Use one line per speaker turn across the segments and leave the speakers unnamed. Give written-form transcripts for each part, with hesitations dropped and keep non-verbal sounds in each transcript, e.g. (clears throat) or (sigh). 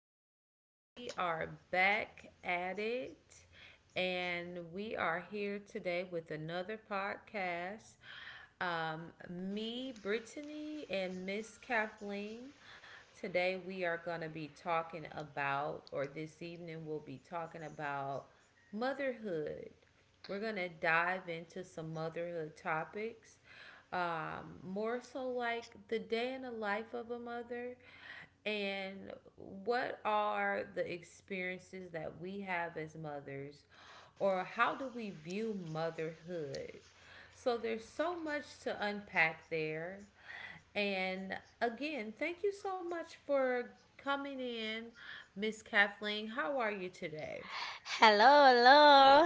all right. We are back at it. And we are here today with another podcast. Me, Brittany, and Miss Kathleen. Today we are going to be talking about, or this evening we'll be talking about motherhood. We're going to dive into some motherhood topics, more so like the day in the life of a mother, and what are the experiences that we have as mothers, or how do we view motherhood. So there's so much to unpack there. And again, thank you so much for coming in. Miss Kathleen, how are you today?
Hello,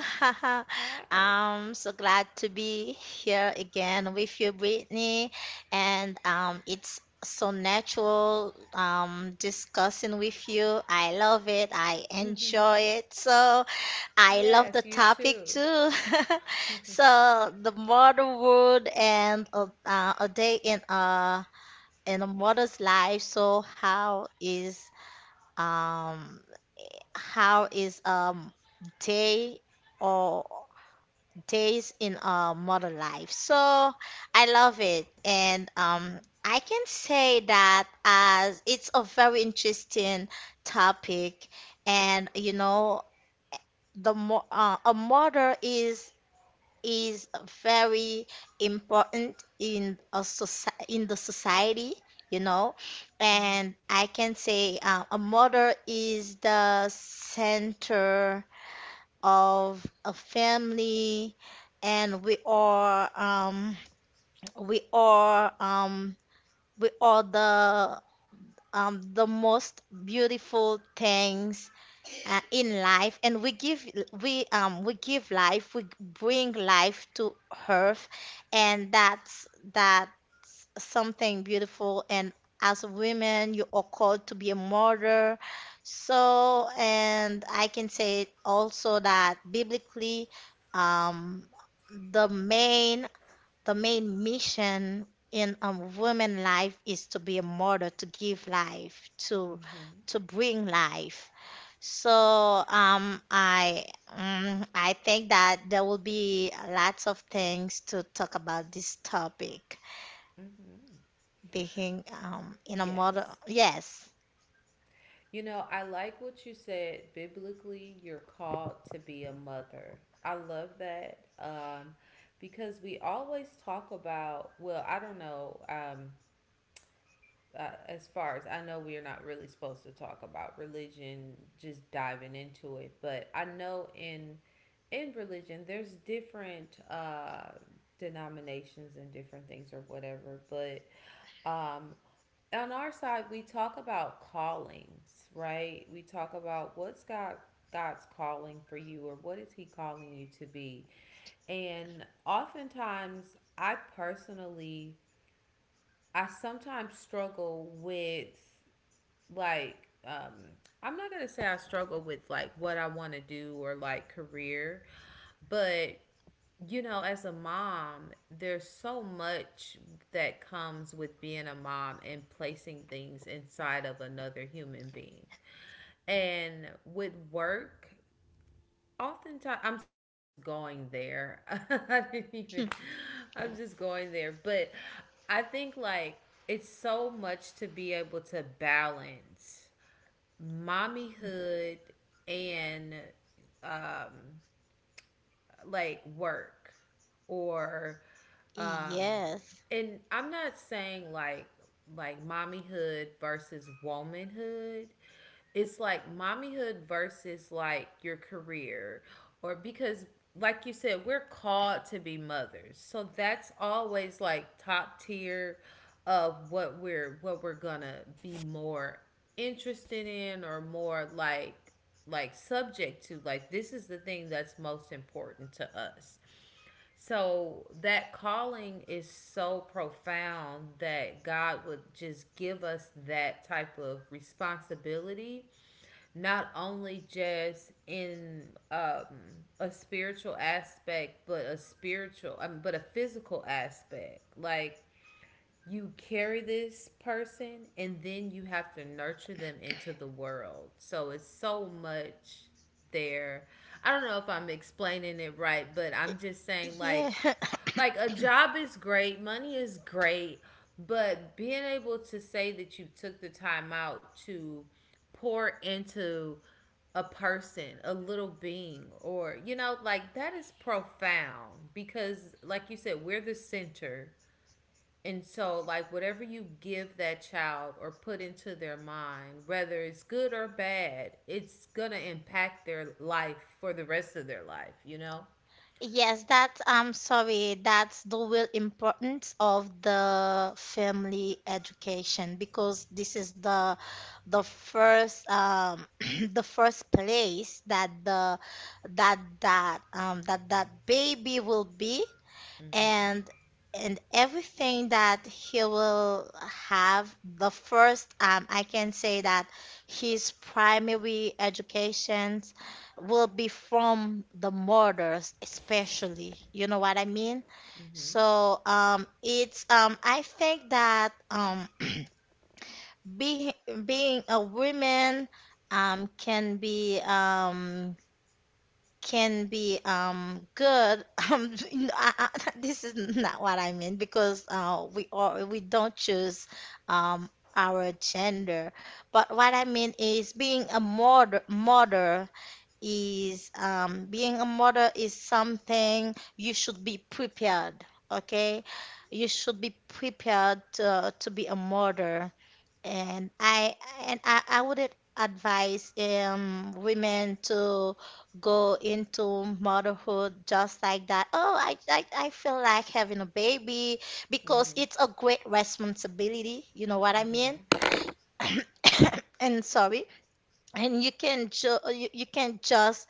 hello. (laughs)
Hi.
I'm so glad to be here again with you, Brittany. And it's so natural, discussing with you. I love it. I enjoy it. So I love the
Yes, you
topic
too.
too. (laughs) So the motherhood and a day in a mother's life. So um how is day or days in a modern life? So I love it, and I can say that as it's a very interesting topic, and the mo a mother is very important in the society, you know. And I can say, a mother is the center of a family, and we are um, we are the, the most beautiful things, in life, and we give life we bring life to earth, and that's something beautiful. And as a woman, you are called to be a mother. So and I can say also, that biblically, um the main, mission in a woman life is to be a mother, to give life, to bring life. So I, I think that there will be lots of things to talk about this topic.
Hmm.
Being, in a model,
Yes.
yes,
You know, I like what you said. Biblically, you're called to be a mother. I love that, because we always talk about, well, I don't know, as far as I know, we are not really supposed to talk about religion, just diving into it. But I know in religion, there's different denominations and different things or whatever. But um, on our side we talk about callings, right? We talk about what's God, God's calling for you, or what is He calling you to be. And oftentimes I personally, I sometimes struggle with, like, um I'm not gonna say I struggle with like what I want to do or like career, but you know, as a mom, there's so much that comes with being a mom and placing things inside of another human being. And with work, oftentimes, I'm sorry, I'm just going there. (laughs) I didn't even, I'm just going there. But I think, like, it's so much to be able to balance mommyhood and, um, like, work or,
(laughs)
um,
yes,
and I'm not saying like mommyhood versus womanhood. It's like mommyhood versus like your career. Or, because like you said, we're called to be mothers. So that's always like top tier of what we're gonna be more interested in, or more like subject to, like, this is the thing that's most important to us. So that calling is so profound that God would just give us that type of responsibility, not only just in, a spiritual aspect, but a spiritual, but a physical aspect. Like you carry this person and then you have to nurture them into the world. So it's so much there. I don't know if I'm explaining it right, but I'm just saying,
yeah.
like a job is great, money is great, but being able to say that you took the time out to pour into a person, a little being, or, you know, like that is profound, because like you said, we're the center. And so, like, whatever you give that child or put into their mind, whether it's good or bad, it's going to impact their life for the rest of their life, you know?
Yes, that's, I'm sorry, that's the real importance of the family education, because this is the first, (clears throat) the first place that the that that that that baby will be,
Mm-hmm.
and and everything that he will have the first, I can say that his primary educations will be from the murders, especially. You know what I mean? So, it's, I think that, (clears throat) being being a woman, um, can be um, can be, good. (laughs) No, (laughs) this is not what I mean, because we don't choose, um our gender. But what I mean is being a mother is, being a mother is something you should be prepared, okay? You should be prepared to be a mother. And I and I, I wouldn't advise, women to go into motherhood just like that. Oh, I feel like having a baby, because it's a great responsibility. You know what I mean? (coughs) And sorry, and you can just,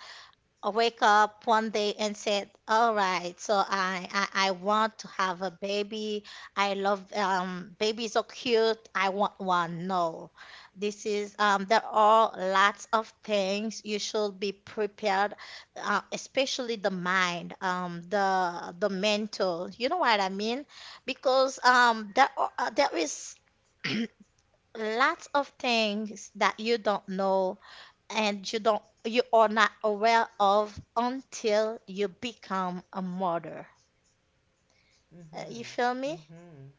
I wake up one day and said, "All right, so I want to have a baby. I love, babies are cute. I want one." No, this is, there are lots of things you should be prepared, especially the mind, the mental. You know what I mean? Because, there is (clears throat) lots of things that you don't know, and you are not aware of until you become a mother. You feel
Mm-hmm.
me?
Mm-hmm.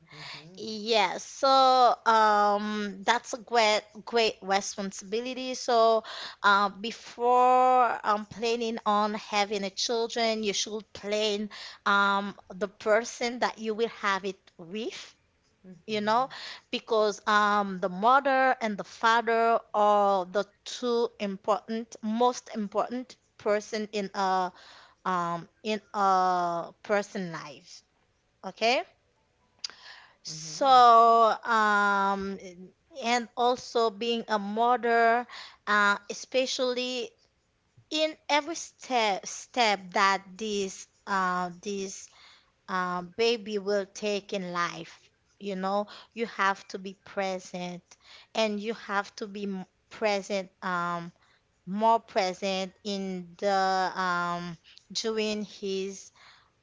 Mm-hmm.
Yes, so, that's a great responsibility. So, before, planning on having a children, you should plan, the person that you will have it with, you know, because, the mother and the father are the two important, most important person in a, in a person life. Okay, so, um, and also, being a mother, especially in every step that this baby will take in life. You know, you have to be present, and you have to be, present, more present in the, um, during his,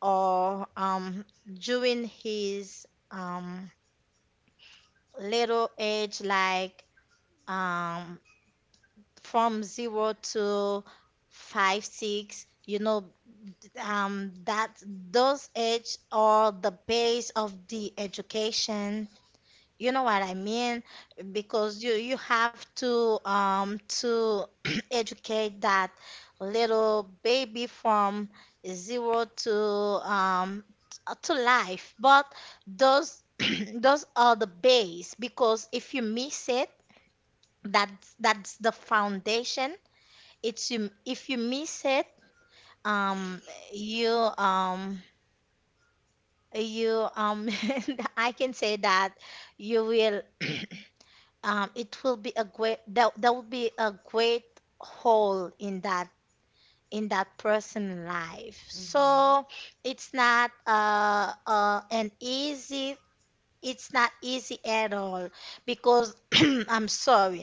or, during his, um, little age, like, um, from zero to five, six. You know, that those age are the base of the education. You know what I mean? Because you have to, to (clears throat) educate that little baby from zero to, um t- to life. But those (clears throat) those are the base, because if you miss it, that's the foundation. It's you, if you miss it, um you um you (laughs) I can say that, you will it will be a great, there will be a great hole in that person's life. So it's not uh, uh, an easy it's not easy at all, because (clears throat) I'm sorry.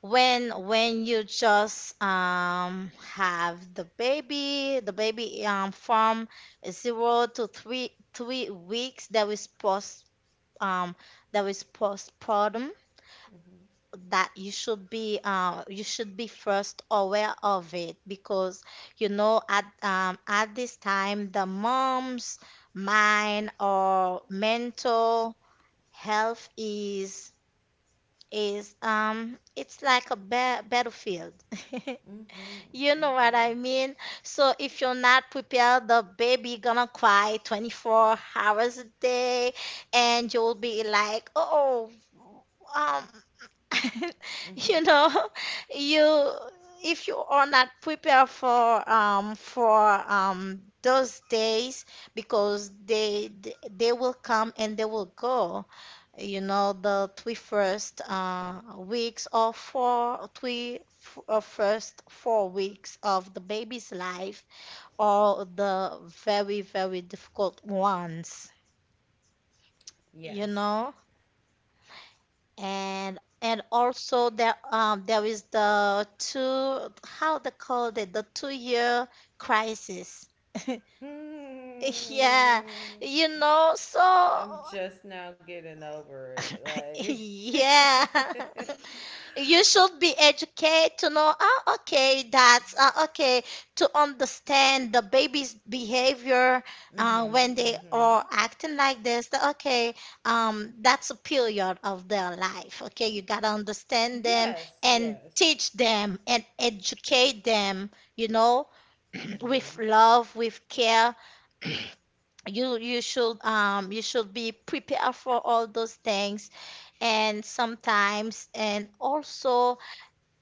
When you just, have the baby, from zero to three weeks, um, that is postpartum, that you should be first aware of it, because you know at, at this time the mom's mind or mental health is, it's like a battlefield. (laughs) You know what I mean? So if you're not prepared, the baby gonna cry 24 hours a day, and you'll be like, oh, um (laughs) you know, you if you are not prepared for those days, because they will come and they will go. You know, the three first, weeks, or first 4 weeks of the baby's life, are the very difficult ones. You
Yes.
know. And also, there, there is the two how they called it, the 2-year crisis. (laughs) Yeah, you
(laughs)
know,
Hmm.
so,
I'm just now getting over
(laughs)
it. Like.
yeah. (laughs)
(laughs)
You should be educated to know, oh, okay, that's, okay, to understand the baby's behavior, when
Mhm.
they are
Mhm.
acting like this. That, okay, that's a period of their life. Okay, you gotta understand them
Yes.
and
Yes.
teach them and educate them, you know, (clears throat) with
Mhm.
love, with care. You should, you should be prepared for all those things. And sometimes, and also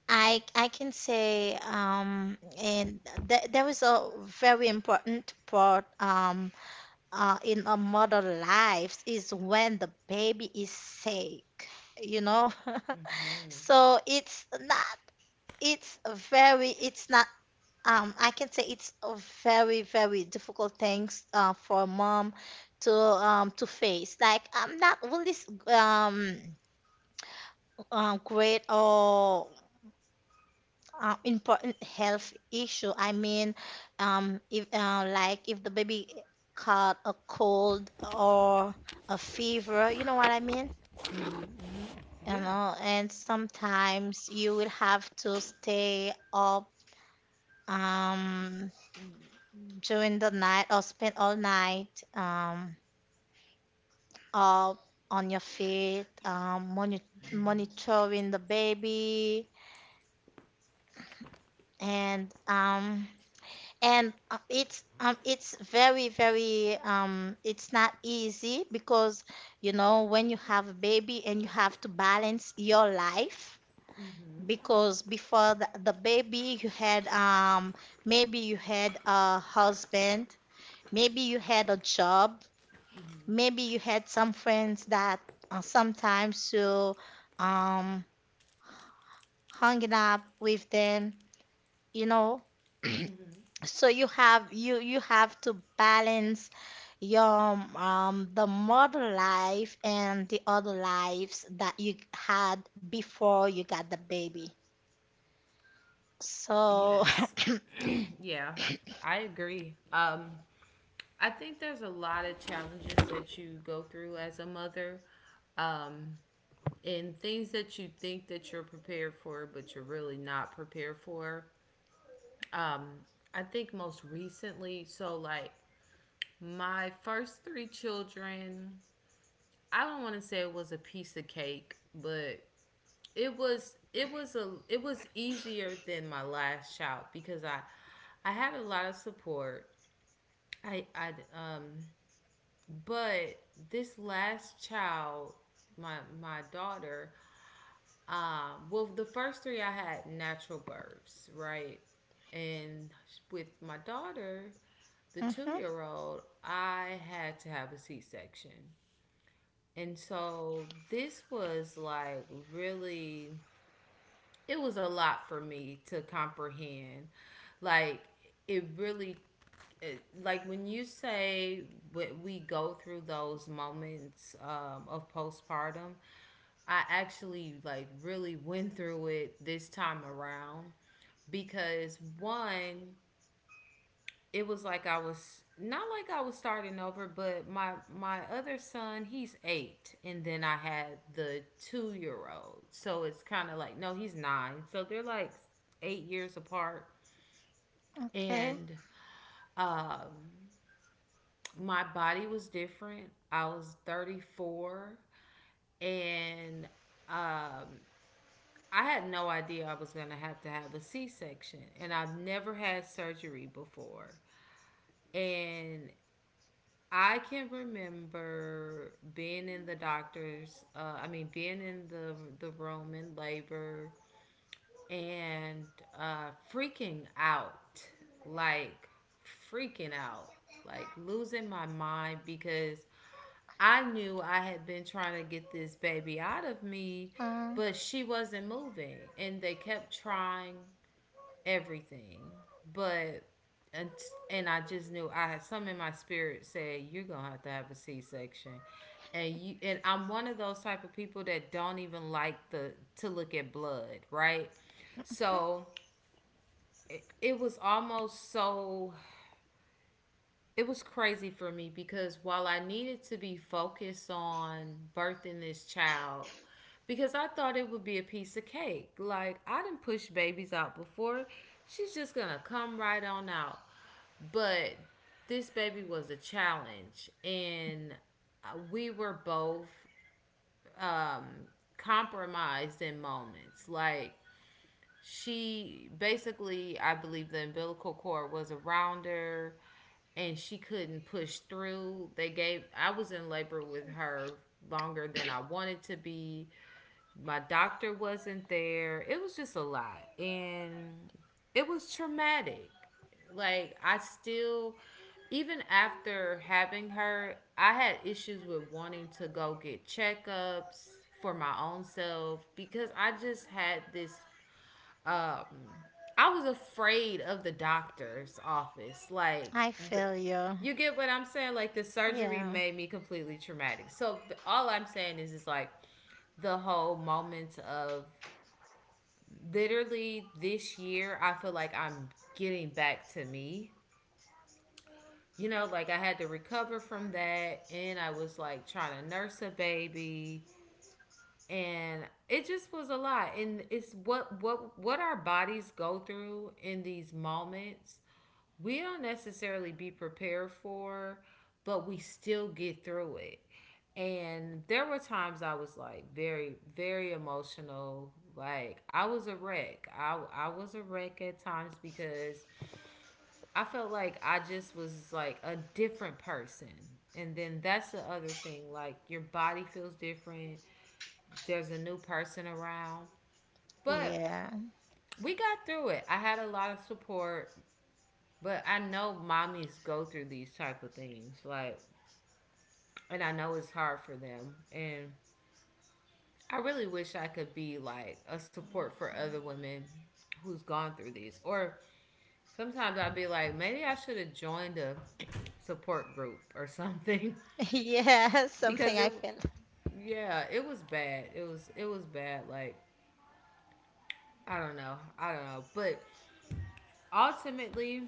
I can say, and that was a very important part, in a mother lives is when the baby is sick, you know. (laughs)
Mhm.
So it's a very, it's not I can say it's a very difficult things, for a mom to, to face. Like I'm not really, great or, important health issue. I mean, if, like if the baby caught a cold or a fever. You know what I mean? You
Yeah.
know, and sometimes you will have to stay up, um during the night, or spend all night, um up on your feet, monitoring the baby, and and, it's very very, it's not easy, because you know, when you have a baby and you have to balance your life, because before the baby you had, maybe you had a husband, maybe you had a job, maybe you had some friends that, sometimes you, um hanging up with them, you know. So you have to balance your, the modern life, and the other lives that you had before you got the baby. So (coughs)
Yes.
(clears throat)
(clears throat) Yeah, I agree. I think there's a lot of challenges that you go through as a mother, um, and things that you think that you're prepared for, but you're really not prepared for. Um, I think most recently, so like, my first three children, I don't want to say it was a piece of cake, but it was, it was a it was easier than my last child, because I had a lot of support. I um but this last child, my daughter, well, the first three I had natural births, right? And with my daughter, the
Mhm.
2-year-old, I had to have a C-section. And so this was like really, it was a lot for me to comprehend. Like, it really, like when you say we go through those moments of postpartum, I actually, like, really went through it this time around, because one, it was like I was not like I was starting over. But my other son, he's eight, and then I had the 2-year old, so it's kind of like, no, he's nine. So they're like 8 years apart.
Okay,
And um my body was different. I was 34, and um I had no idea I was going to have a C-section, and I've never had surgery before. And I can remember being in the doctor's, I mean being in the room in labor, and freaking out, like freaking out, like losing my mind, because I knew I had been trying to get this baby out of me,
um,
but she wasn't moving. And they kept trying everything. But, and, and I just knew I had some in my spirit, said, you're going to have a C section. And you, and I'm one of those type of people that don't even like the, to look at blood, right? So it was almost so, it was crazy for me because while I needed to be focused on birthing this child, because I thought it would be a piece of cake. Like, I didn't push babies out before. She's just gonna come right on out. But this baby was a challenge, and we were both um, compromised in moments. Like, she basically, I believe, the umbilical cord was around her, and she couldn't push through. They gave. I was in labor with her longer than I wanted to be. My doctor wasn't there. It was just a lot, and it was traumatic. Like, I still, even after having her, I had issues with wanting to go get checkups for my own self, because I just had this, um I was afraid of the doctor's office. Like
I
the,
feel you.
you get what I'm saying? Like the surgery
Yeah,
made me completely traumatic. So all I'm saying is like, the whole moment of, literally this year I feel like I'm getting back to me. You know, like, I had to recover from that, and I was like trying to nurse a baby, and it just was a lot. And it's what, what our bodies go through in these moments, we don't necessarily be prepared for, but we still get through it. And there were times I was like very, very emotional. Like I was a wreck. I was a wreck at times, because I felt like I just was like a different person. And then that's the other thing. Like your body feels different. There's a new person around. But
yeah.
we got through it. I had a lot of support. But I know mommies go through these type of things, like, and I know it's hard for them. And I really wish I could be like a support for other women who's gone through these. Or sometimes I'd be like, maybe I should have joined a support group or something,
(laughs) Yeah,
(laughs)
something
because
I
it,
feel.
yeah, it was bad. It was, it was bad. Like, I don't know, I don't know. But ultimately,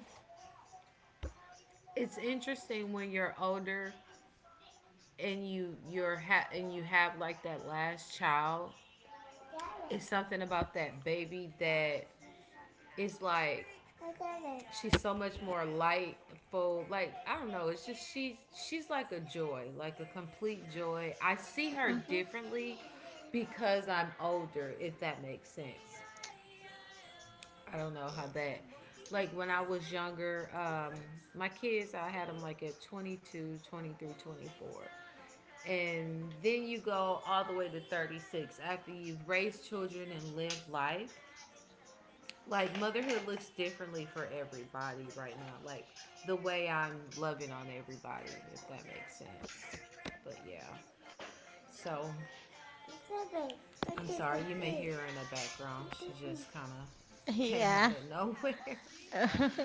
it's interesting when you're older, and you have like that last child, it's something about that baby, that it's like, she's so much more lightful. Like, I don't know, it's just, she's like a joy, like a complete joy. I see her
Mhm.
differently because I'm older, if that makes sense. I don't know how that, like when I was younger, my kids, I had them like at 22, 23, 24, and then you go all the way to 36 after you've raised children and lived life. Like, motherhood looks differently for everybody. Right now, like, the way I'm loving on everybody, if that makes sense. But yeah. So, I'm sorry, you may hear her in the background, she just kind of came out
Yeah.
of (laughs) nowhere.
(laughs)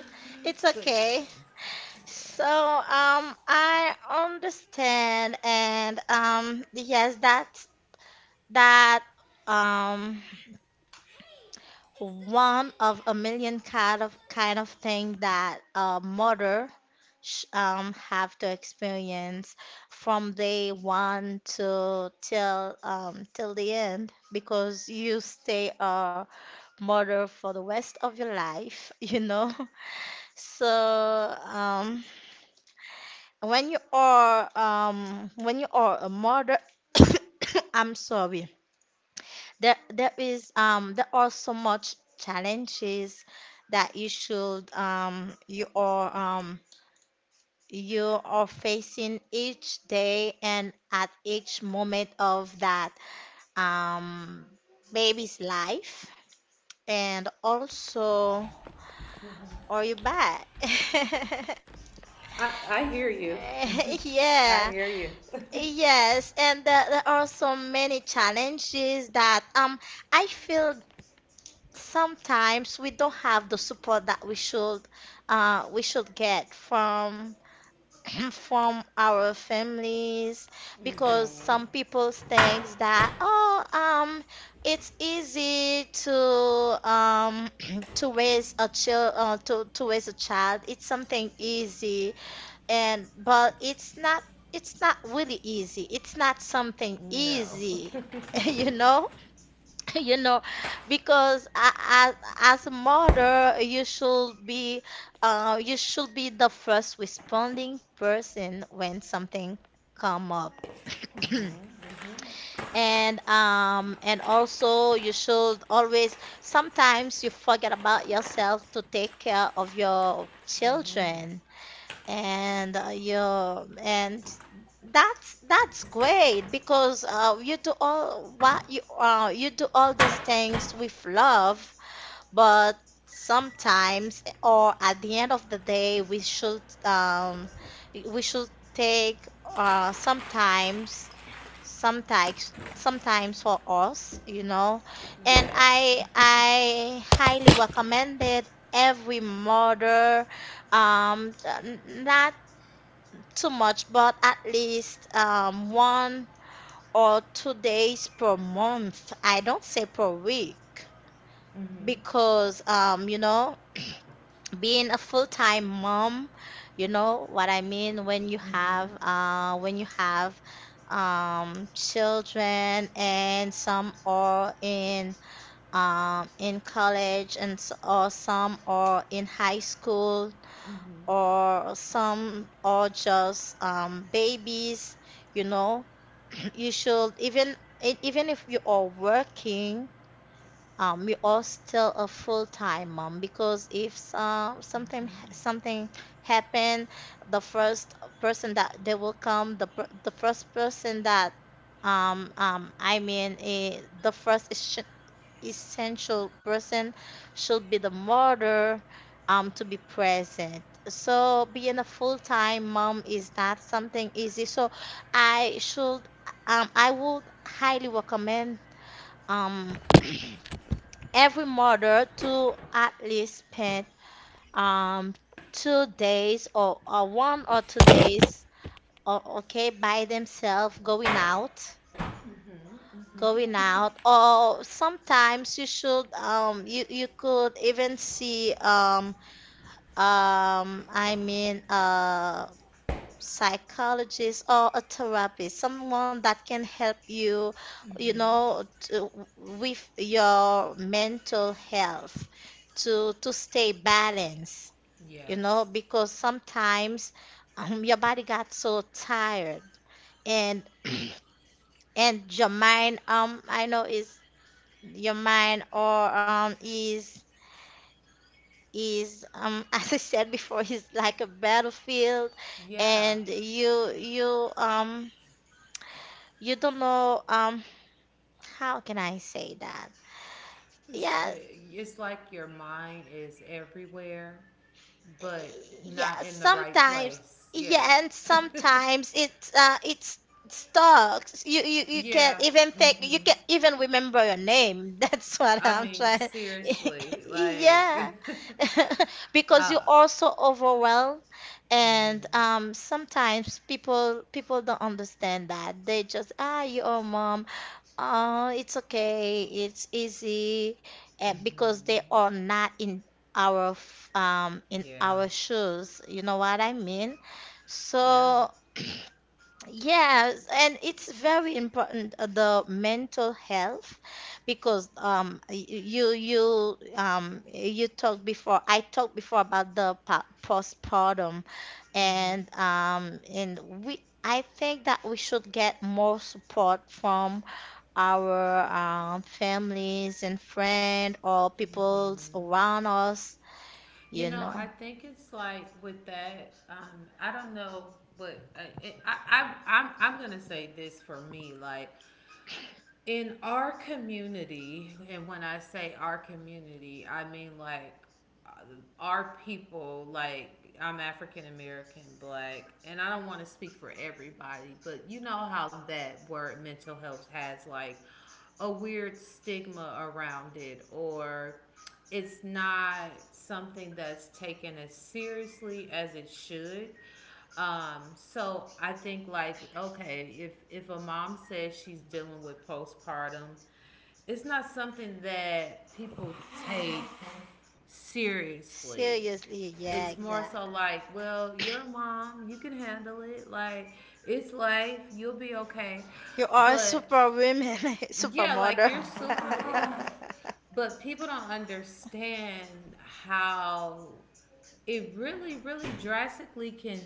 It's
But
okay.
yeah. Yeah.
So, I understand, and, yes, that, that um one of a million kind of thing that a mother, sh have to experience from day one to, till the end, because you stay a mother for the rest of your life, (laughs) you know. So, um when you are a mother, (coughs) I'm sorry. There is, there are so much challenges that, you are facing each day, and at each moment of that, um baby's life. And also, are you back? (laughs)
I hear you.
Eh, (laughs)
I
yeah,
hear you.
yes, and there are so many challenges that, I feel sometimes we don't have the support that we should get from (clears throat) from our families, because some people think that, oh, it's easy to, (clears throat) to raise a child, to raise a child, it's something easy, and but, it's not really easy, it's not
(laughs)
something
No.
easy. (laughs) You know. (laughs) You know. Because, as a mother you should be, you should be the first responding person when something come up. (clears throat) And, and also, you should always, sometimes you forget about yourself to take care of your children, and, yeah, and that's great, because, you do all what, you do all those things with love. But sometimes, or at the end of the day, we should, we should take, sometimes, sometimes for us, you know. And
Yes.
I highly recommend it, every mother, um n- not too much, but at least, 1 or 2 days per month. I don't say per week
Mm-hmm.
because, being a full-time mom, you know what I mean
Mm-hmm.
when you have children, and some are in college and or some are in high school,
Mm-hmm.
or some are just babies you know You should even even if you are working, you are still a full-time mom, because if something happened, the first person that they will come, the first person that the first essential person should be the mother, to be present. So being a full-time mom is not something easy. So I should, I would highly recommend, um, (clears throat) every mother to at least spend, um, 2 days, or 1 or 2 days, okay, by themselves, going out. Or sometimes you should, you could even see, a psychologist or a therapist, someone that can help you, you know with your mental health, to stay balanced, you know,
Yes.
because sometimes, your body got so tired, and (clears throat) and your mind, I know is your mind or is (laughs) as I said before, is like a battlefield.
Yeah.
And you don't know, how can I say that?
It's,
Yeah.
it's like your mind is everywhere, but
Yeah,
not in the right
sometimes.
place. Yeah.
Yeah, and sometimes it's stuck. You
Yeah.
can't even think. You
Hmm.
can't even remember your name. (laughs) That's what
I
I'm
mean,
trying.
seriously,
(laughs)
like,
Yeah.
(laughs)
(laughs) Because you're
uh,
also overwhelmed, and sometimes people don't understand that. They just, you're a mom. Oh, it's okay. It's easy. And because they are not in in
yeah,
our shoes. You know what I mean?
yeah.
So, (clears throat) yes, and it's very important, the mental health. Because you talked before. I talked before about the postpartum, and we I think that we should get more support from our, families and friends, or peoples around us,
You
you
know, I
know.
think it's like with that. I don't know, but it, I'm I'm gonna say this for me. Like, in our community, and when I say our community, I mean like, uh, our people, like, I'm African American, Black, and I don't want to speak for everybody, but you know how that word mental health has like a weird stigma around it, or it's not something that's taken as seriously as it should. So I think like, okay, if a mom says she's dealing with postpartum, it's not something that people take seriously.
Seriously, yeah,
It's more so
exactly.
like, well, you're a mom, you can handle it. Like, it's life, you'll be okay.
You are
But
super women. (laughs) Super
yeah, like,
mother.
you're super.
(laughs)
Yeah. But people don't understand how it really, really drastically can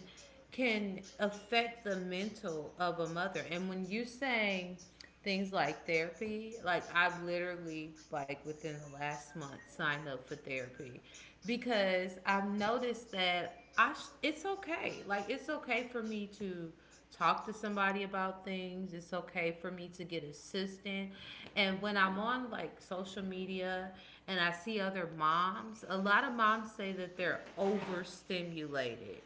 can affect the mental of a mother. And when you say things like therapy, like I've literally like within the last month signed up for therapy because I've noticed that it's okay. Like it's okay for me to talk to somebody about things. It's okay for me to get assistance. And when I'm on like social media and I see other moms, a lot of moms say that they're overstimulated.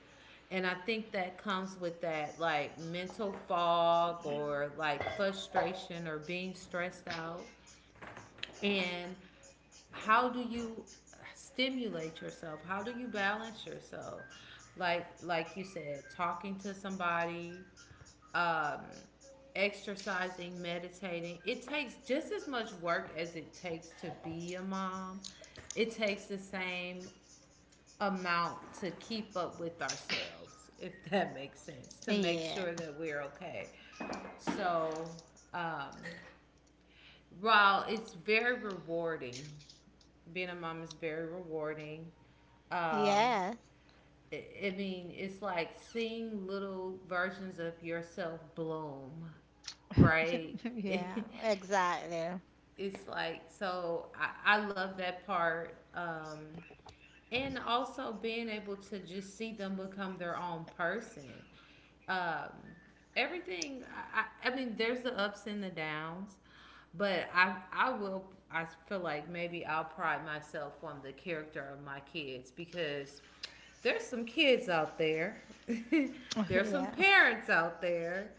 And I think that comes with that like mental fog or like frustration or being stressed out. And how do you stimulate yourself? How do you balance yourself? Like you said, talking to somebody, um, exercising, meditating. It takes just as much work as it takes to be a mom. It takes the same amount to keep up with ourselves, if (laughs) that makes sense, to make
Yeah.
sure that we're okay. So, um, while it's very rewarding, being a mom is very rewarding. Um,
Yeah.
I mean, it's like seeing little versions of yourself bloom, right?
(laughs)
(laughs)
Yeah,
It's
exactly.
like so. I love that part, and also being able to just see them become their own person. Um, everything. I mean, there's the ups and the downs, but I will. I feel like maybe I'll pride myself on the character of my kids because there's some kids out there, (laughs)
(laughs)
there's some
Yeah.
parents out there,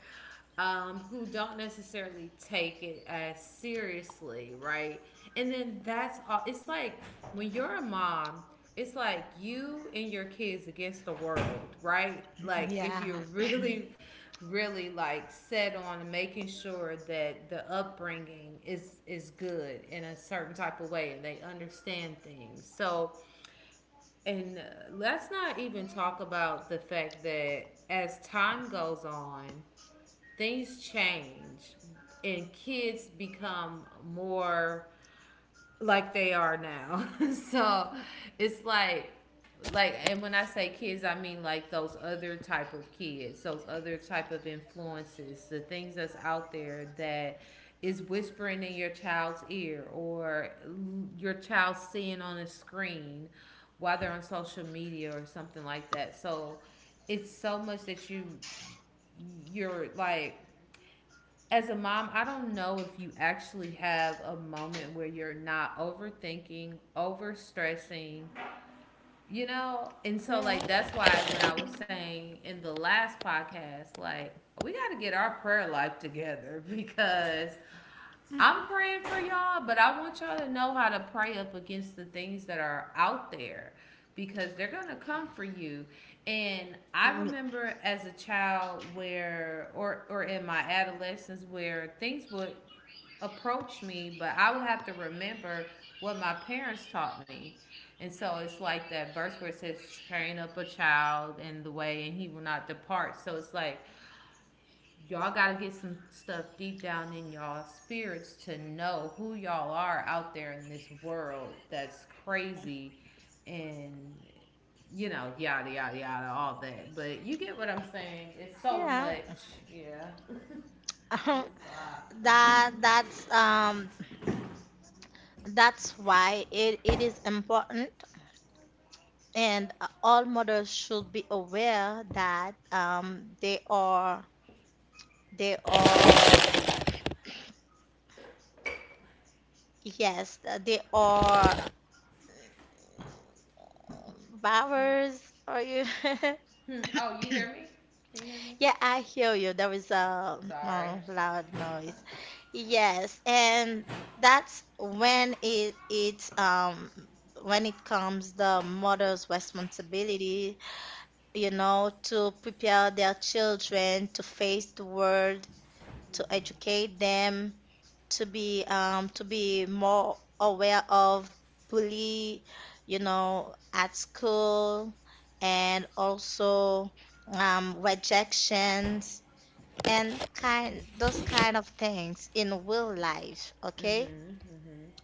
who don't necessarily take it as seriously, right? And then that's all. It's like when you're a mom, it's like you and your kids against the world, right? Like if
Yeah.
you're (laughs) really, really like set on making sure that the upbringing is good in a certain type of way and they understand things. So, and let's not even talk about the fact that as time goes on, things change and kids become more like they are now. (laughs) So it's like and when I say kids, I mean like those other type of kids, those other type of influences, the things that's out there that is whispering in your child's ear or your child seeing on a screen while they're on social media or something like that. So it's so much that you're like, as a mom, I don't know if you actually have a moment where you're not overthinking, overstressing, you know? And
(coughs)
so,
Yeah.
like, that's why when I was saying in the last podcast, like, we got to get our prayer life together (laughs) because I'm praying for y'all, but I want y'all to know how to pray up against the things that are out there because they're going to come for you. And I
Hmm.
remember as a child where, or in my adolescence, where things would approach me, but I would have to remember what my parents taught me. And so it's like that verse where it says, train up a child in the way and he will not depart. So it's like y'all got to get some stuff deep down in y'all spirits to know who y'all are out there in this world that's crazy, and, you know, yada yada yada, all that, but you get what I'm saying. It's so
Yeah.
much. Yeah, (laughs) it's
(laughs)
a lot.
That that's um that's why, it is important, and all mothers should be aware that, they are, they are yes uh, they are um, bowers. Are you? (laughs)
Hmm. Oh, you hear me? Can you hear me?
Yeah, I hear you. There is a,
Sorry.
loud
Uh,
noise. Yes, and that's when, it it's when it comes the mother's responsibility, you know, to prepare their children to face the world, to educate them, to be, to be more aware of bully, you know, at school, and also, rejections, and kind those kind of things in real life, okay?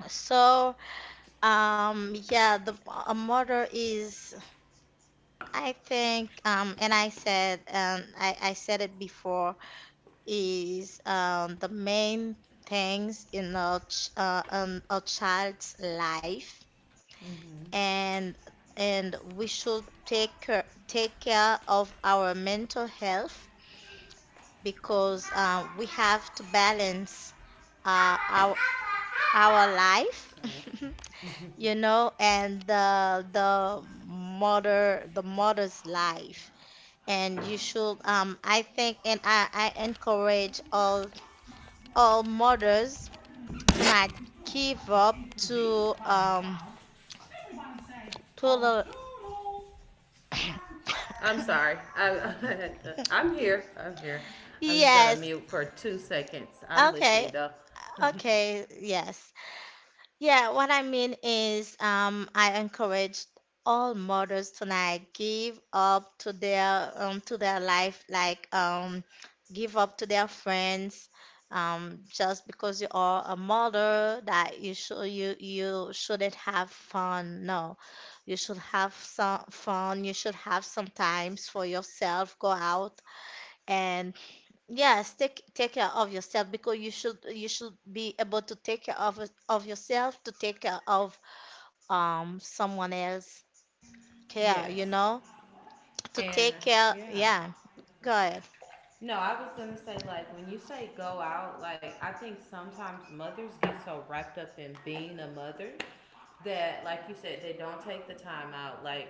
So, yeah, the a mother is, I think, and I said, I said it before, is, the main things in our a child's life, and we should take care of our mental health, because we have to balance, uh, our our life,
sorry.
(laughs) you know, and the mother's life. And you should, I think, and I encourage all mothers
You
tonight,
won't help us
give
see
up
through these
to,
cloudy clouds. Everybody say, oh,
to
toodles. I'm sorry. I, (laughs) I'm
the
here. I'm here.
(coughs)
I'm just gonna
yes.
mute for 2 seconds. I'm
Okay.
listening though.
Okay. Yes. Yeah, what I mean is, I encouraged all mothers tonight, give up to their, to their life, give up to their friends, just because you are a mother, that you should, you shouldn't have fun. No, you should have some fun. You should have some times for yourself. Go out, and yes, take care of yourself, because you should, be able to take care of, of yourself, to take care of, someone else, care, you
Yes.
know? To
And
take care,
yeah.
yeah. Go ahead.
No, I was gonna say, like, when you say go out, like, I think sometimes mothers get so wrapped up in being a mother that, like you said, they don't take the time out. Like,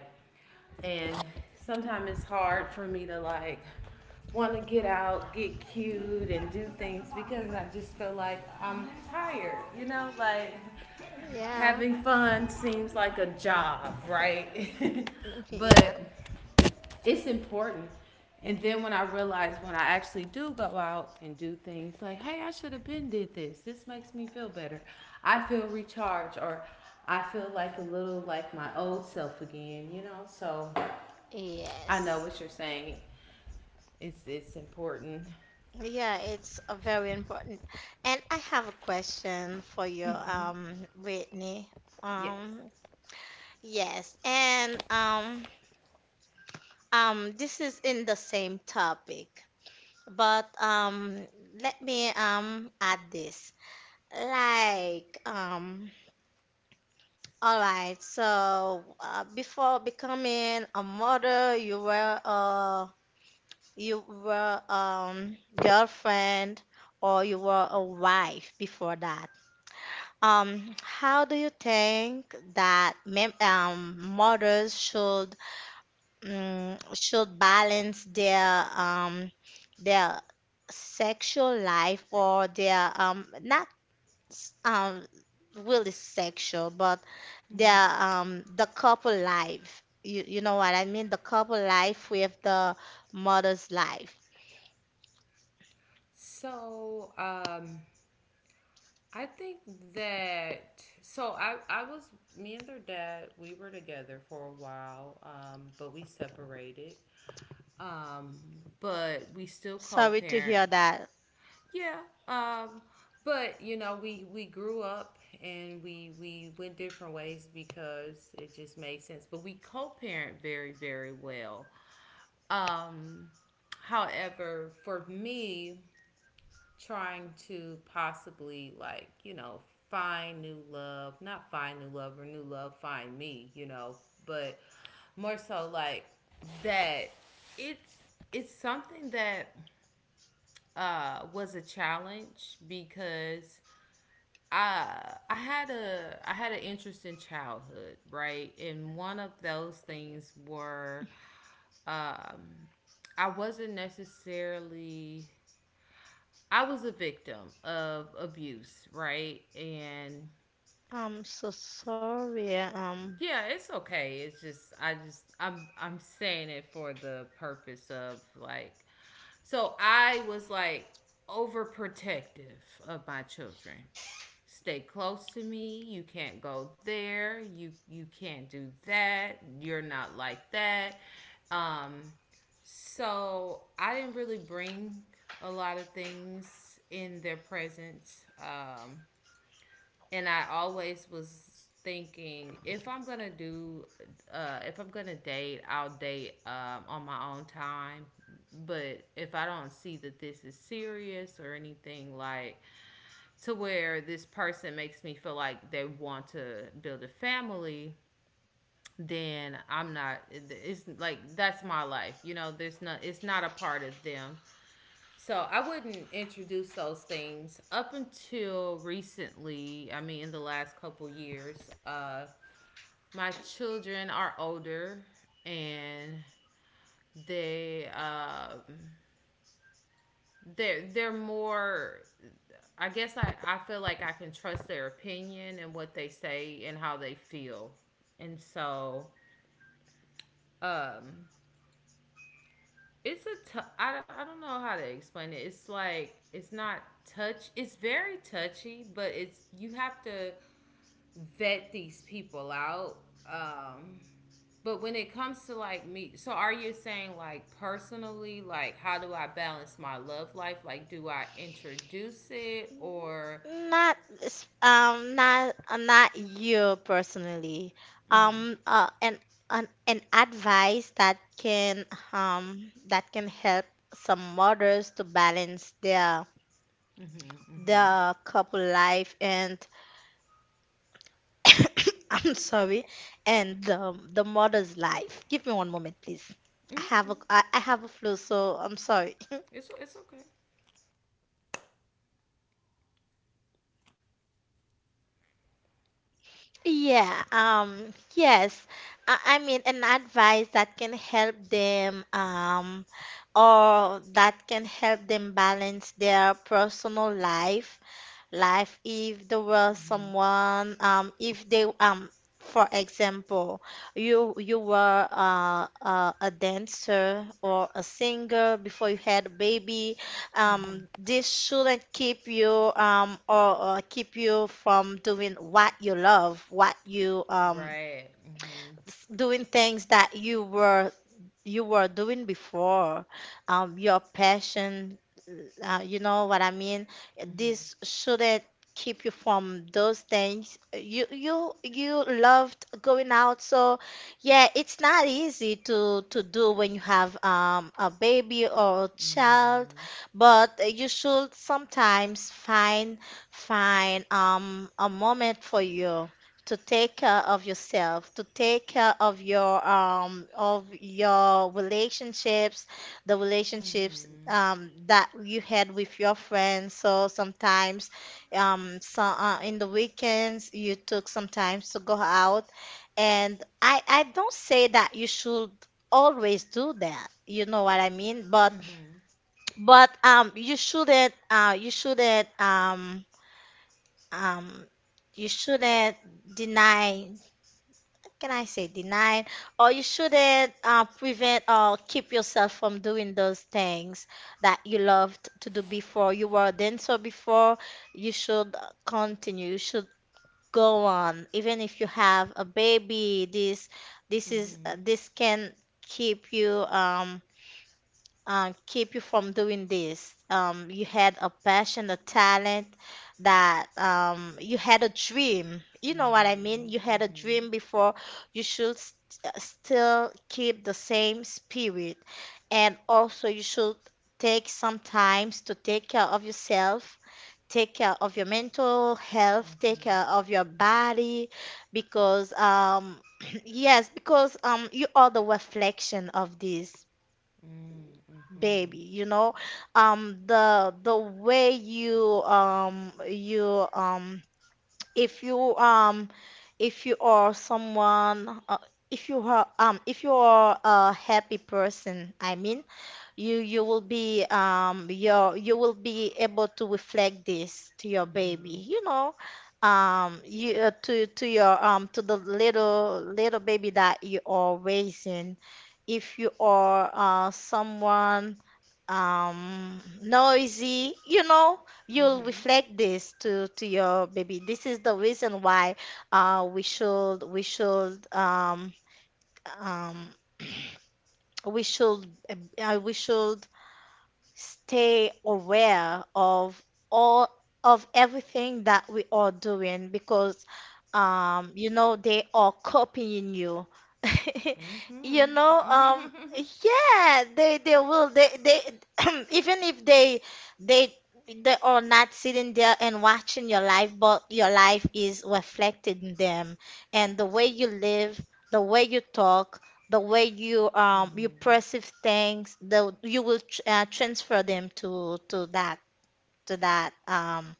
and sometimes it's hard for me to like want to get out, get cute, and do things because I just feel like I'm tired. You know, like
Yeah.
having fun seems like a job, right? (laughs)
(laughs) Yeah.
But it's important. And then when I realize, when I actually do go out and do things, like, hey, I should have been did this. This makes me feel better. I feel recharged, or I feel like a little like my old self again, you know? So I know
Yes.
what you're saying. It's important.
Yeah, it's a very important. And I have a question for you, Brittany.
Yes.
Um, yes, and, this is in the same topic. But, let me add this. Like, all right. So, before becoming a mother, you were, girlfriend, or you were a wife before that. How do you think that, mem mothers should, should balance their, their sexual life, or their, not s- really sexual, but their, the couple life. You know what I mean, the couple life with the mother's life.
So, I think that, so I was, me and their dad, we were together for a while, but we separated, um but we still
Sorry to
co-parent.
hear that.
Yeah, um but you know, we grew up and we went different ways because it just made sense, but we co-parent very, very well. um however, for me, trying to possibly, like, you know, find new love, not find new love or new love find me, you know, but more so like that, it's it's something that was a challenge because I had an interest in childhood, right? And one of those things were, um I wasn't necessarily — I was a victim of abuse, right? And
I'm so sorry.
yeah, it's okay. It's just, I just I'm saying it for the purpose of like, so I was like overprotective of my children. Stay close to me. You can't go there. You can't do that. You're not like that. Um so I didn't really bring a lot of things in their presence. And I always was thinking, if I'm gonna do, if I'm gonna date, I'll date, on my own time. But if I don't see that this is serious or anything, like to where this person makes me feel like they want to build a family, then I'm not. It's like that's my life. You know, there's not. It's not a part of them. So I wouldn't introduce those things up until recently. I mean, in the last couple years, my children are older, and they um they're more. I guess I feel like I can trust their opinion and what they say and how they feel, and so, um it's a t-, I don't-, I don't know how to explain it. It's like it's not touch, it's very touchy, but it's, you have to vet these people out. um but when it comes to like me, so are you saying, like, personally, like, how do I balance my love life, like, do I introduce it or
Not, not you personally. Um uh, an, an advice that can, help some mothers to balance their, couple life, and (coughs) I'm sorry, and the mother's life. Give me one moment, please. I have a flu, so I'm sorry. (laughs)
it's okay,
Yeah, yes. I mean, an advice that can help them, or that can help them balance their personal life, if there was someone, if they for example, you were, a dancer or a singer before you had a baby. This shouldn't keep you, or keep you from doing what you love, what you,
right? Mhm.
doing things that you were, doing before, your passion, you know what I mean? This shouldn't keep you from those things. You loved going out. So yeah, it's not easy to do when you have, a baby or a child.
Mhm.
But you should sometimes find find a moment for you, to take care of yourself, to take care of your, of your relationships, the relationships, that you had with your friends. So sometimes, in the weekends, you took sometimes to go out. And I don't say that you should always do that. You know what I mean? But, but um you shouldn't uh you shouldn't um um you shouldn't deny, can I say denied, or you shouldn't, prevent, or keep yourself from doing those things that you loved to do before you were then. So before, you should continue, you should go on, even if you have a baby.
Mhm.
This can keep you um keep you from doing this. You had a passion, a talent, that, you had a dream. You know what I mean? You had a
Mhm.
dream before. You should still keep the same spirit. And also, you should take some times to take care of yourself. Take care of your mental health,
Mhm.
take care
Mhm.
of your body, because, (clears throat) yes, because, you are the reflection of this
Mhm.
baby,
Mhm.
you know. The way you, if you, if you are someone, if you are a happy person, I mean, you will be able to reflect this to your baby, you know. You to your To the little baby that you are raising. If you are, someone, noisy, you know, you'll reflect this to your baby. This is the reason why, we should um (clears throat) we should we should stay aware of all, of everything that we are doing, because, you know, they are copying you. (laughs) You
Mhm.
know,
Mhm.
yeah, they will they (clears throat) even if they they are not sitting there and watching your life, but your life is reflected in them, and the way you live, the way you talk, the way you, perceive things, the you will transfer them to that, to that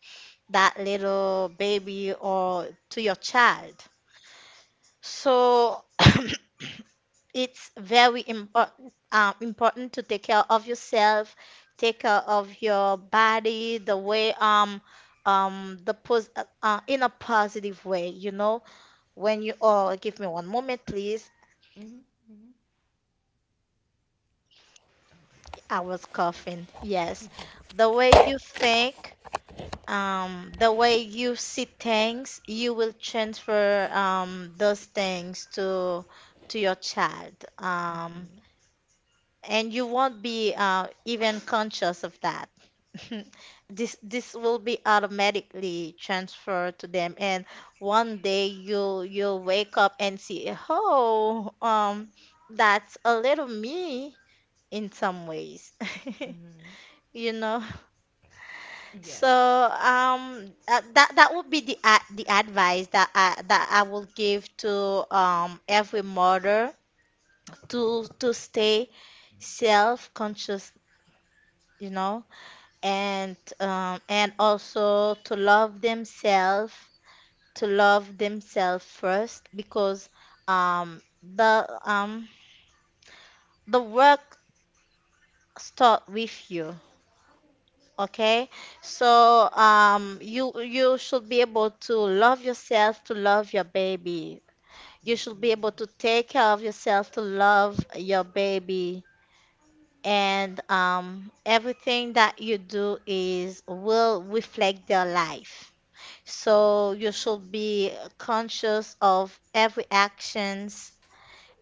that little baby, or to your child. So (coughs) (clears throat) it's very important, important to take care of yourself, take care of your body, the way, in a positive way, you know. When you, oh, give me one moment, please. I was coughing. Yes. The way you think, the way you see things, you will transfer, those things to your child. And you won't be, even conscious of that. (laughs) This will be automatically transferred to them. And one day, you'll wake up and see, oh, that's a little me, in some ways. (laughs) You know? So,
Yes.
that would be the advice that I will give to, every mother, to stay self-conscious, you know, and also to love themselves first, because, um the um the work start with you. Okay, so, you should be able to love yourself, to love your baby. You should be able to take care of yourself, to love your baby, and, everything that you do is will reflect their life. So you should be conscious of every actions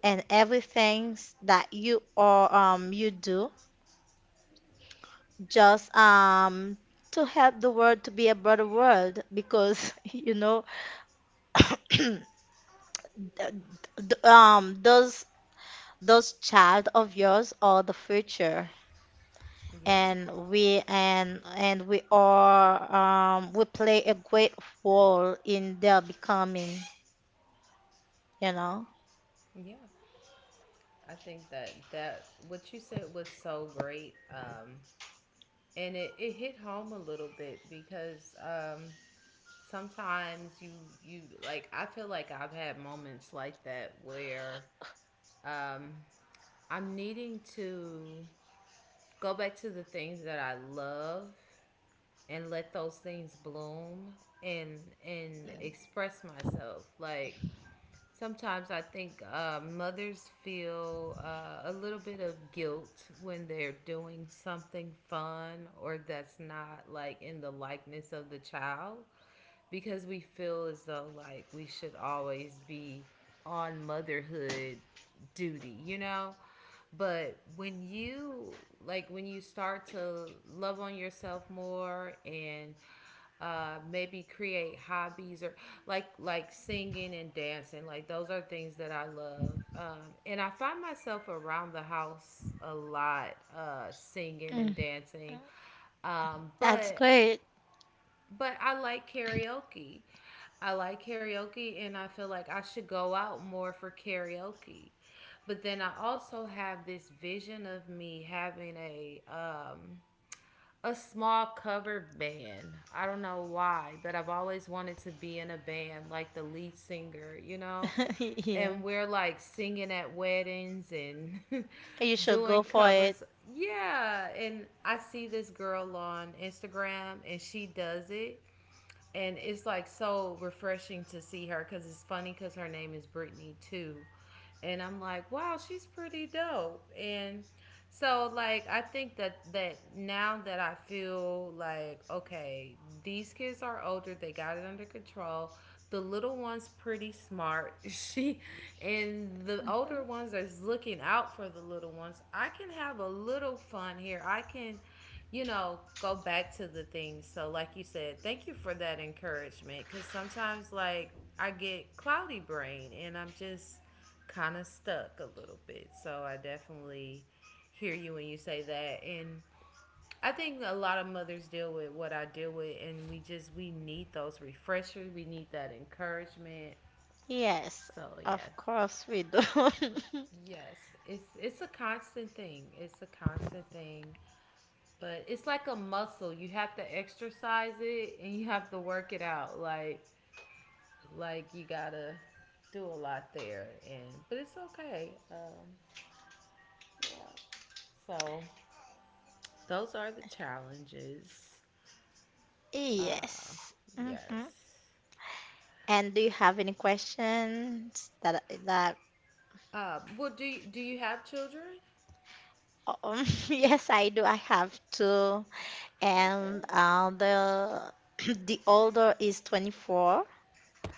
and everything that you are you do just to help the world to be a better world because (laughs) (clears throat) th- those child of yours are the future,
Yeah.
and we are we play a great role in their becoming, you know.
Yeah. I think that what you said was so great. And it hit home a little bit because, sometimes you like, I feel like I've had moments like that where, um I'm needing to go back to the things that I love and let those things bloom, and and express myself, like, sometimes I think mothers feel a little bit of guilt when they're doing something fun or that's not like in the likeness of the child, because we feel as though like we should always be on motherhood duty, you know? But when you, like, when you start to love on yourself more, and maybe create hobbies, or like singing and dancing, like those are things that I love, and I find myself around the house a lot, singing and
Mm.
dancing, um,
That's
but
great.
but I like karaoke. I like karaoke, and I feel like I should go out more for karaoke, but then I also have this vision of me having a, a small cover band. I don't know why, but I've always wanted to be in a band, like the lead singer, you know?
(laughs) Yeah,
And we're like singing at weddings and (laughs)
you should
doing
go for it.
covers. Yeah. And I see this girl on Instagram and she does it, and it's like so refreshing to see her because it's funny, because her name is Brittany too, and I'm like, wow, she's pretty dope. And so, like, I think that now that I feel like, okay, these kids are older, they got it under control. The little one's pretty smart. (laughs) She, and the
Mhm.
older ones are looking out for the little ones. I can have a little fun here. I can, go back to the things. So, like you said, thank you for that encouragement because sometimes, like, I get cloudy brain and I'm just kind of stuck a little bit. So, I definitely hear you when you say that. And I think a lot of mothers deal with what I deal with, and we need those refreshers, we need that encouragement.
Yes,
So,
of
yes.
course we do.
Yes, it's a constant thing. It's a constant thing. But it's like a muscle. You have to exercise it and you have to work it out. Like you gotta do a lot there, and but it's okay. Yeah. So those are the challenges.
(laughs)
Uh
Yes. Hmm.
yes.
And do you have any questions that that
Well, do you have children?
(laughs) yes, I do. I have two.
Okay.
And the (clears throat) the older is 24,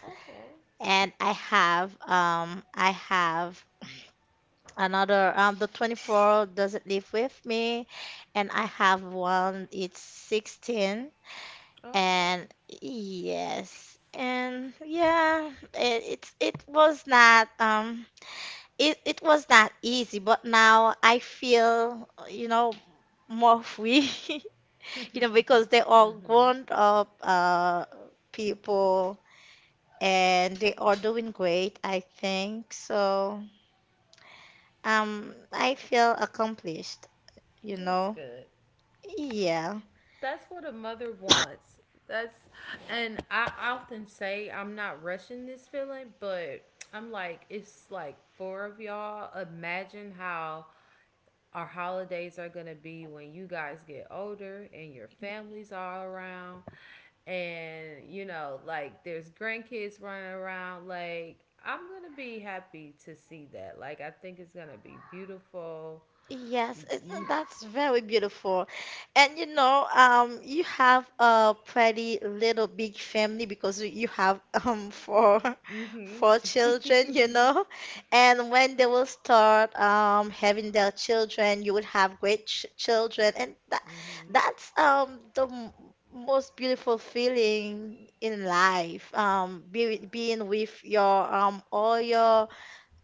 Okay.
and I have another, the 24 doesn't live with me, and I have one, it's 16.
Oh,
And yes. And yeah, it was not it was not easy, but now I feel, you know, more free, (laughs) you know, because they are grown up people, and they are doing great, I think. So, I feel accomplished, you
that's
know.
good.
Yeah.
That's what a mother wants. That's and I often say I'm not rushing this feeling, but I'm like, it's like four of y'all. Imagine how our holidays are gonna be when you guys get older and your families are around and you know, like there's grandkids running around. Like I'm gonna be happy to see that. Like I think it's gonna be beautiful.
Yes,
Mm-hmm.
that's very beautiful. And you know, you have a pretty little big family because you have (laughs) four children, you
(laughs)
know. And when they will start having their children, you would have great ch children, and that's the m most beautiful feeling in life. Being with your all your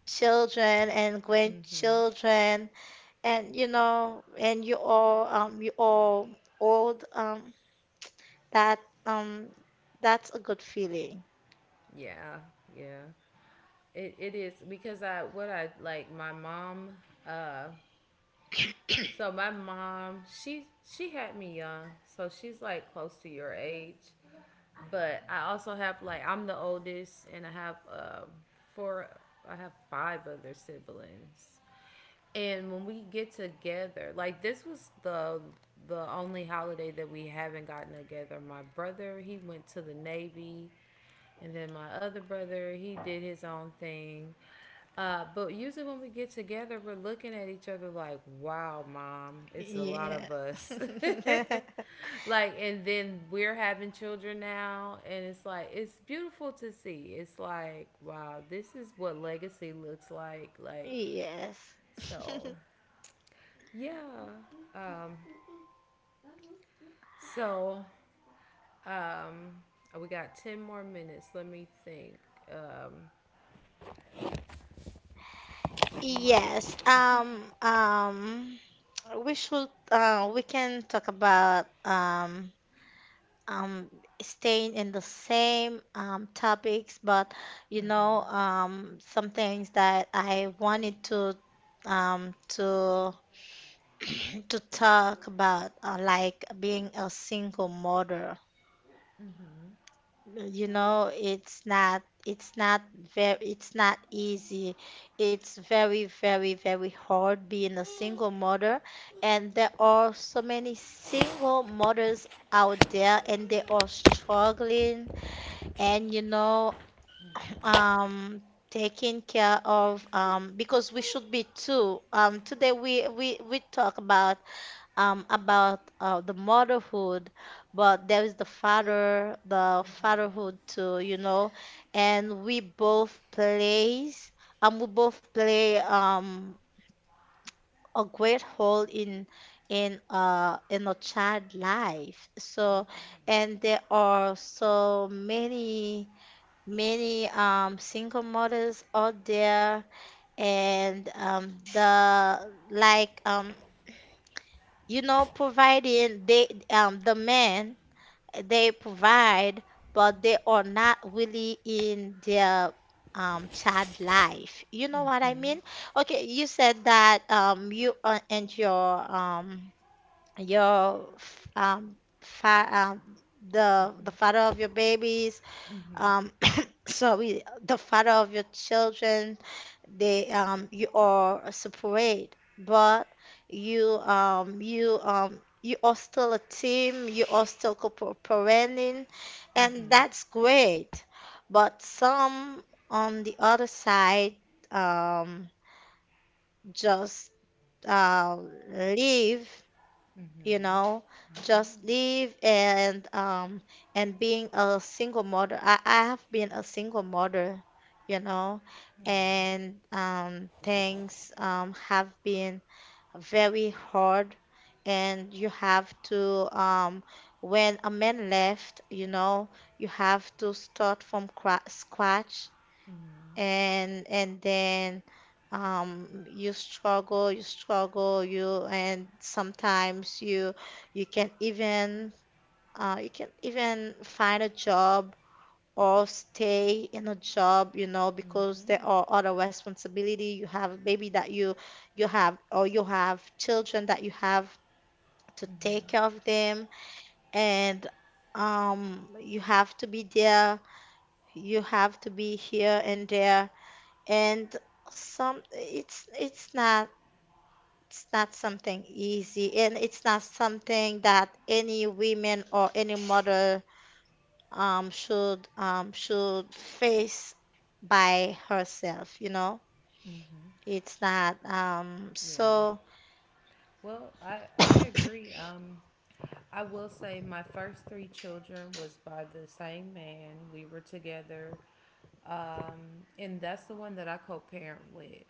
children and
Mm-hmm.
grandchildren, and you know, and you all old, that, um, that's a good feeling.
Yeah, yeah. It is because I what I like my mom uh so my mom she had me young. So she's like close to your age. But I also have like I'm the oldest and I have four I have five other siblings. And when we get together, like this was the only holiday that we haven't gotten together. My brother, he went to the Navy, and then my other brother, he did his own thing. But usually when we get together, we're looking at each other like, "Wow, mom, it's a lot
Yeah.
of us." (laughs)
(laughs)
Like, and then we're having children now, and it's like it's beautiful to see. It's like, wow, this is what legacy looks like. Like,
Yes. (laughs)
so yeah. Um, so um, we got 10 more minutes. Let me think. Um,
Yes.
my,
We should, we can talk about, um, staying in the same, topics, but, you know, some things that I wanted to, um, to to talk about like being a single mother. You know, it's not very, it's not easy. It's very, very, very hard being a single mother, and there are so many single mothers out there, and they are struggling, and you know, (clears throat) um. Taking care of because we should be two. Today we talk about the motherhood, but there is the father, the fatherhood too, you know, and we both play a great role in in a child life. So, and there are so many many single mothers out there, and the like you know, providing, the men, they provide, but they are not really in their child life. You know what I mean? Okay, you said that you and your f- fa the father of your babies um (coughs) (clears throat) sorry, the father of your children, they you are separate, but you are still a team, you are still cooperating, and that's great. But some, on the other side, um just uh leave, you know, just live and being a single mother. I have been a single mother, you know,
oh,
and things have been very hard, and you have to when a man left, you know, you have to start from scratch, and then you struggle, you, and sometimes you, you can even you can even find a job or stay in a job, you know, because there are other responsibility, you have a baby that you have, or you have children that you have to take care of them, and you have to be there, you have to be here and there, and some it's not, it's not something easy, and it's not something that any women or any mother should face by herself, you know. It's not
yeah.
so.
Well, I
(coughs)
agree. I will say my first three children was by the same man. We were together. And that's the one that I co parent with.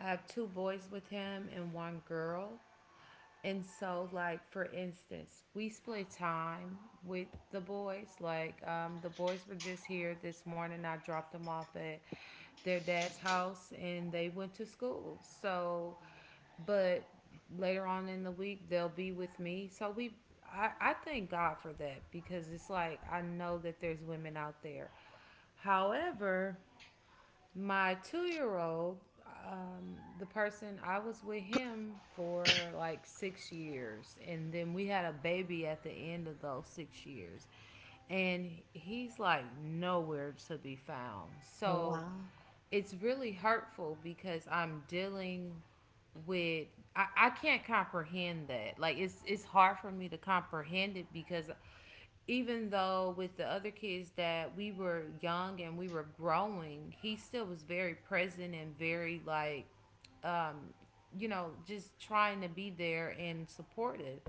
I have two boys with him and one girl. And so, like, for instance, we split time with the boys. Like, the boys were just here this morning. I dropped them off at their dad's house and they went to school. So, but later on in the week, they'll be with me. So, I thank God for that because it's like I know that there's women out there. However, my 2-year old, the person I was with him for like 6 years, and then we had a baby at the end of those 6 years, and he's like nowhere to be found. So
Wow.
it's really hurtful because I'm dealing with I can't comprehend that. Like it's hard for me to comprehend it because even though with the other kids that we were young and we were growing, he still was very present and very like um, you know, just trying to be there and supportive.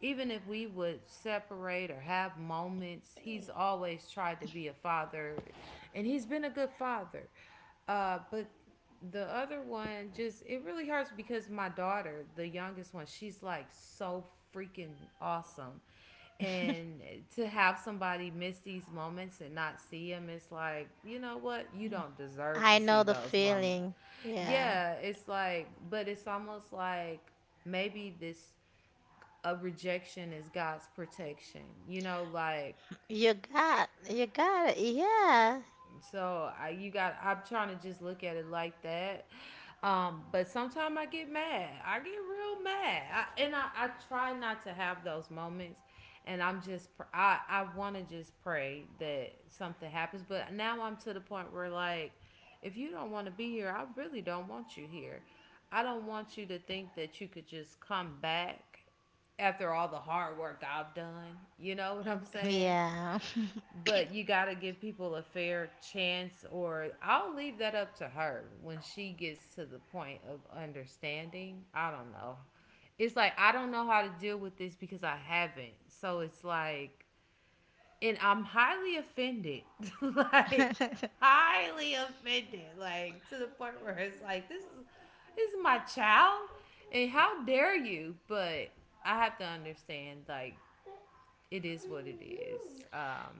Even if we would separate or have moments, he's always tried to be a father and he's been a good father. But the other one just it really hurts because my daughter, the youngest one, she's like so freaking awesome. And to have somebody miss these moments and not see them, it's like, you know what? You don't deserve to
I
see
know the
those moments.
feeling. Yeah.
Yeah, it's like, but it's almost like maybe this a rejection is God's protection. You know, like
You got, you got it. Yeah.
so you got. I'm trying to just look at it like that. But sometimes I get mad. I get real mad, and I try not to have those moments. And I'm just, I want to just pray that something happens. But now I'm to the point where, like, if you don't want to be here, I really don't want you here. I don't want you to think that you could just come back after all the hard work I've done. You know what I'm saying?
Yeah.
But you got to give people a fair chance, or I'll leave that up to her when she gets to the point of understanding. I don't know. It's like, I don't know how to deal with this because I haven't. So it's like, and I'm highly offended. (laughs) Like,
(laughs)
highly offended. Like, to the point where it's like, this is my child. And how dare you? But I have to understand, like, it is what it is.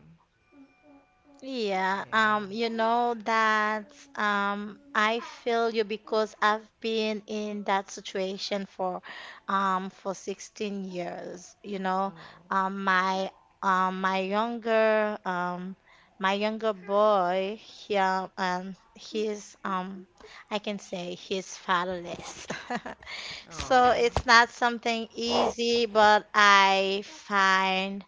Yeah, you
Yeah.
know that I feel you because I've been in that situation for 16 years. You know,
Oh.
um, my my younger, my younger boy here, he's I can say he's fatherless. (laughs) So it's
Oh.
not something easy, but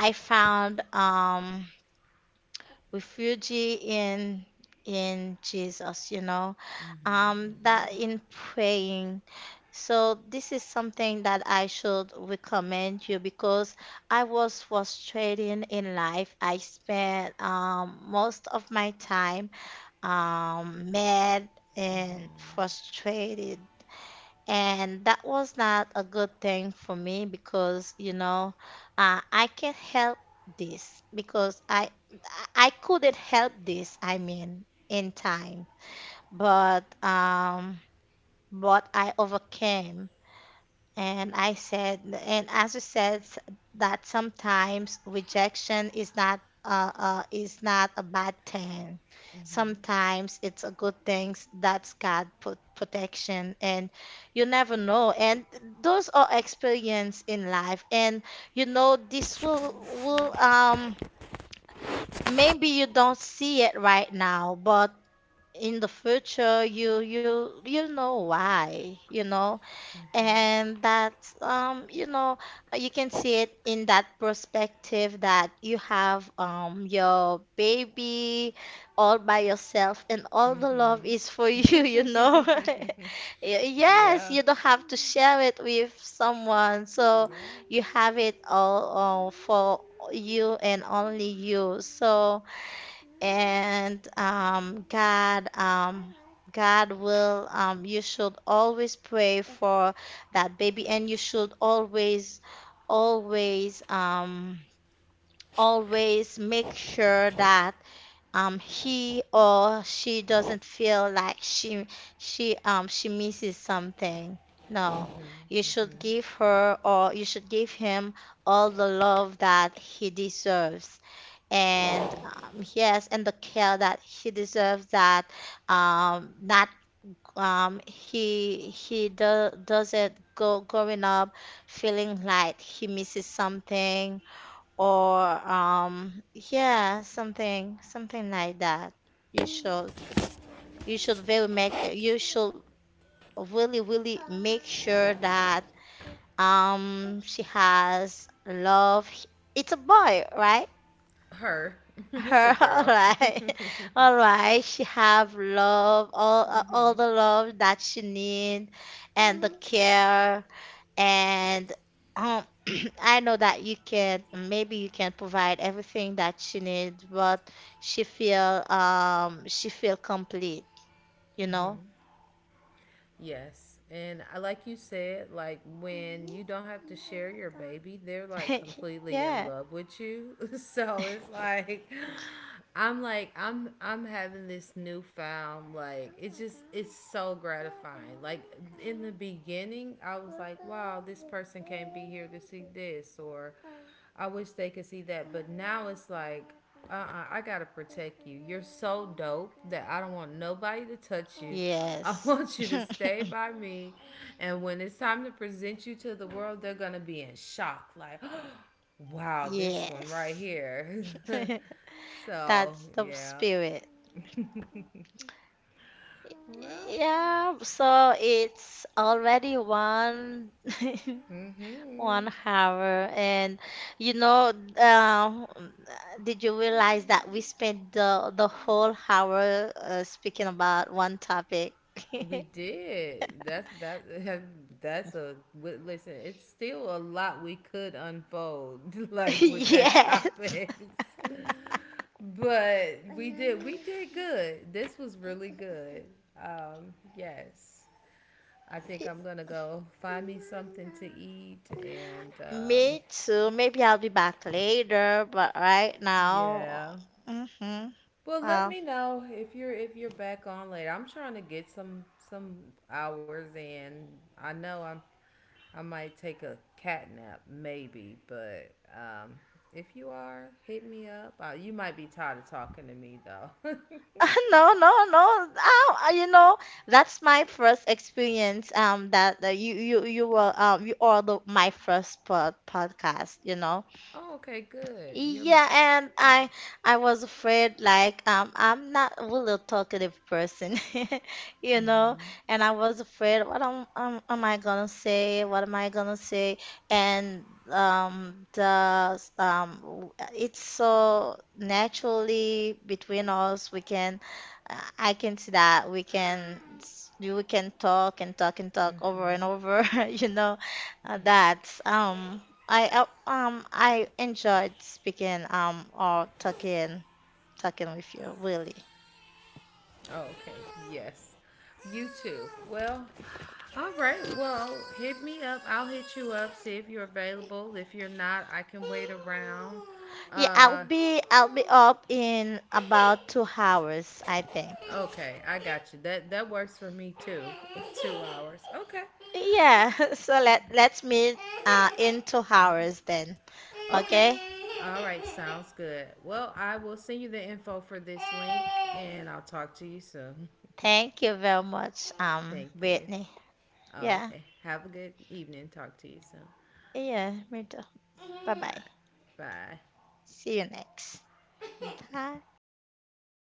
I found refugee in Jesus, you know, that in praying. So this is something that I should recommend you, because I was frustrated in life. I spent most of my time mad and frustrated, and that was not a good thing for me because, you know, I can't help this because I couldn't help this, I mean, in time. But um but I overcame, and I said, and as you said, that sometimes rejection is not a bad thing. Sometimes it's a good thing, that's God put protection, and you never know. And those are experience in life, and you know this will maybe you don't see it right now, but in the future you will know why, you know. And that's, you know, you can see it in that perspective, that you have your baby all by yourself, and all the love is for you, (laughs) you know. (laughs) Yes,
(laughs) Yeah.
you don't have to share it with someone, so
Yeah.
you have it all, for you and only you. So, and God will. You should always pray for that baby, and you should always, always, always make sure that he or she doesn't feel like she misses something. No, you should give her, or you should give him, all the love that he deserves, and yes, and the care that he deserves, that not doesn't go growing up feeling like he misses something, or yeah, something like that. You should, you should very make you should really, really make sure that she has love. It's a boy, right?
Her. (laughs) It's a
Her, (laughs) all
girl. (laughs)
right, (laughs) all right. She have love, all
Hmm.
the love that she need, and the care, and um, (clears throat) I know that you can maybe you can provide everything that she needs, but she feel complete, you know?
Yes. And like you said, like when you don't have to share your baby, they're like
(laughs)
completely in
Yeah.
love with you. (laughs) So it's like I'm having this newfound like it's so gratifying. Like in the beginning, I was like, wow, this person can't be here to see this or I wish they could see that, but now it's like uh-uh, I gotta protect you. You're so dope that I don't want nobody to touch you. (laughs) I
Yes.
want you to stay by me. And when it's time to present you to the world, they're gonna be in shock. Like, (gasps) wow, this one right
Yes.
here.
(laughs)
(laughs) So,
That's the
yeah.
spirit.
Well,
Yeah, so it's already one. (laughs)
mm hmm.
1 hour. And you know, um, did you realize that we spent the whole hour speaking about one topic? (laughs)
We did. That that (laughs) that's a listen. It's still a lot we could unfold, (laughs) like with that
Yes.
topic. (laughs) But we did we (laughs) did good. This was really good. Yes. I think I'm gonna go find me something to eat and
Me too. Maybe I'll be back later, but right now,
yeah.
mm-hmm.
Well, let
Uh,
me know if you're back on later. I'm trying to get some hours in. I know I might take a cat nap maybe, but if you are, hit me up. You might be tired of talking to me though.
(laughs) no, no, no. Oh, you know, that's my first experience. That you were you are the my first podcast. You know.
(laughs) Oh, okay, good. You're
Yeah, and
yeah.
I was afraid like I'm not really a really talkative person, (laughs) you know,
Mm-hmm.
and I was afraid, what am I gonna say? What am I gonna say? And it's so naturally between us we can I can see that we can we can talk and talk and talk over and over, (laughs) you know, that. I enjoyed speaking, or talking, with you, really.
Oh, okay. Yes. You too. Well, all right. Well, hit me up. I'll hit you up. See if you're available. If you're not, I can wait around.
Yeah,
Uh,
I'll be up in about 2 hours, I think.
okay. I got you. That works for me too. (laughs) 2 hours. Okay.
Yeah, (laughs) so let's meet in two
Hold
hours then.
on. Okay.
Okay?
All right. Sounds good. Well, I will send you the info for this link, and I'll talk to you soon.
Thank you very much,
(laughs) Thank you.
Brittany.
Oh,
Yeah,
okay. Have a good evening. Talk to you soon.
yeah, me too.
(laughs)
Bye
Bye.
bye.
Bye.
See you next. Bye.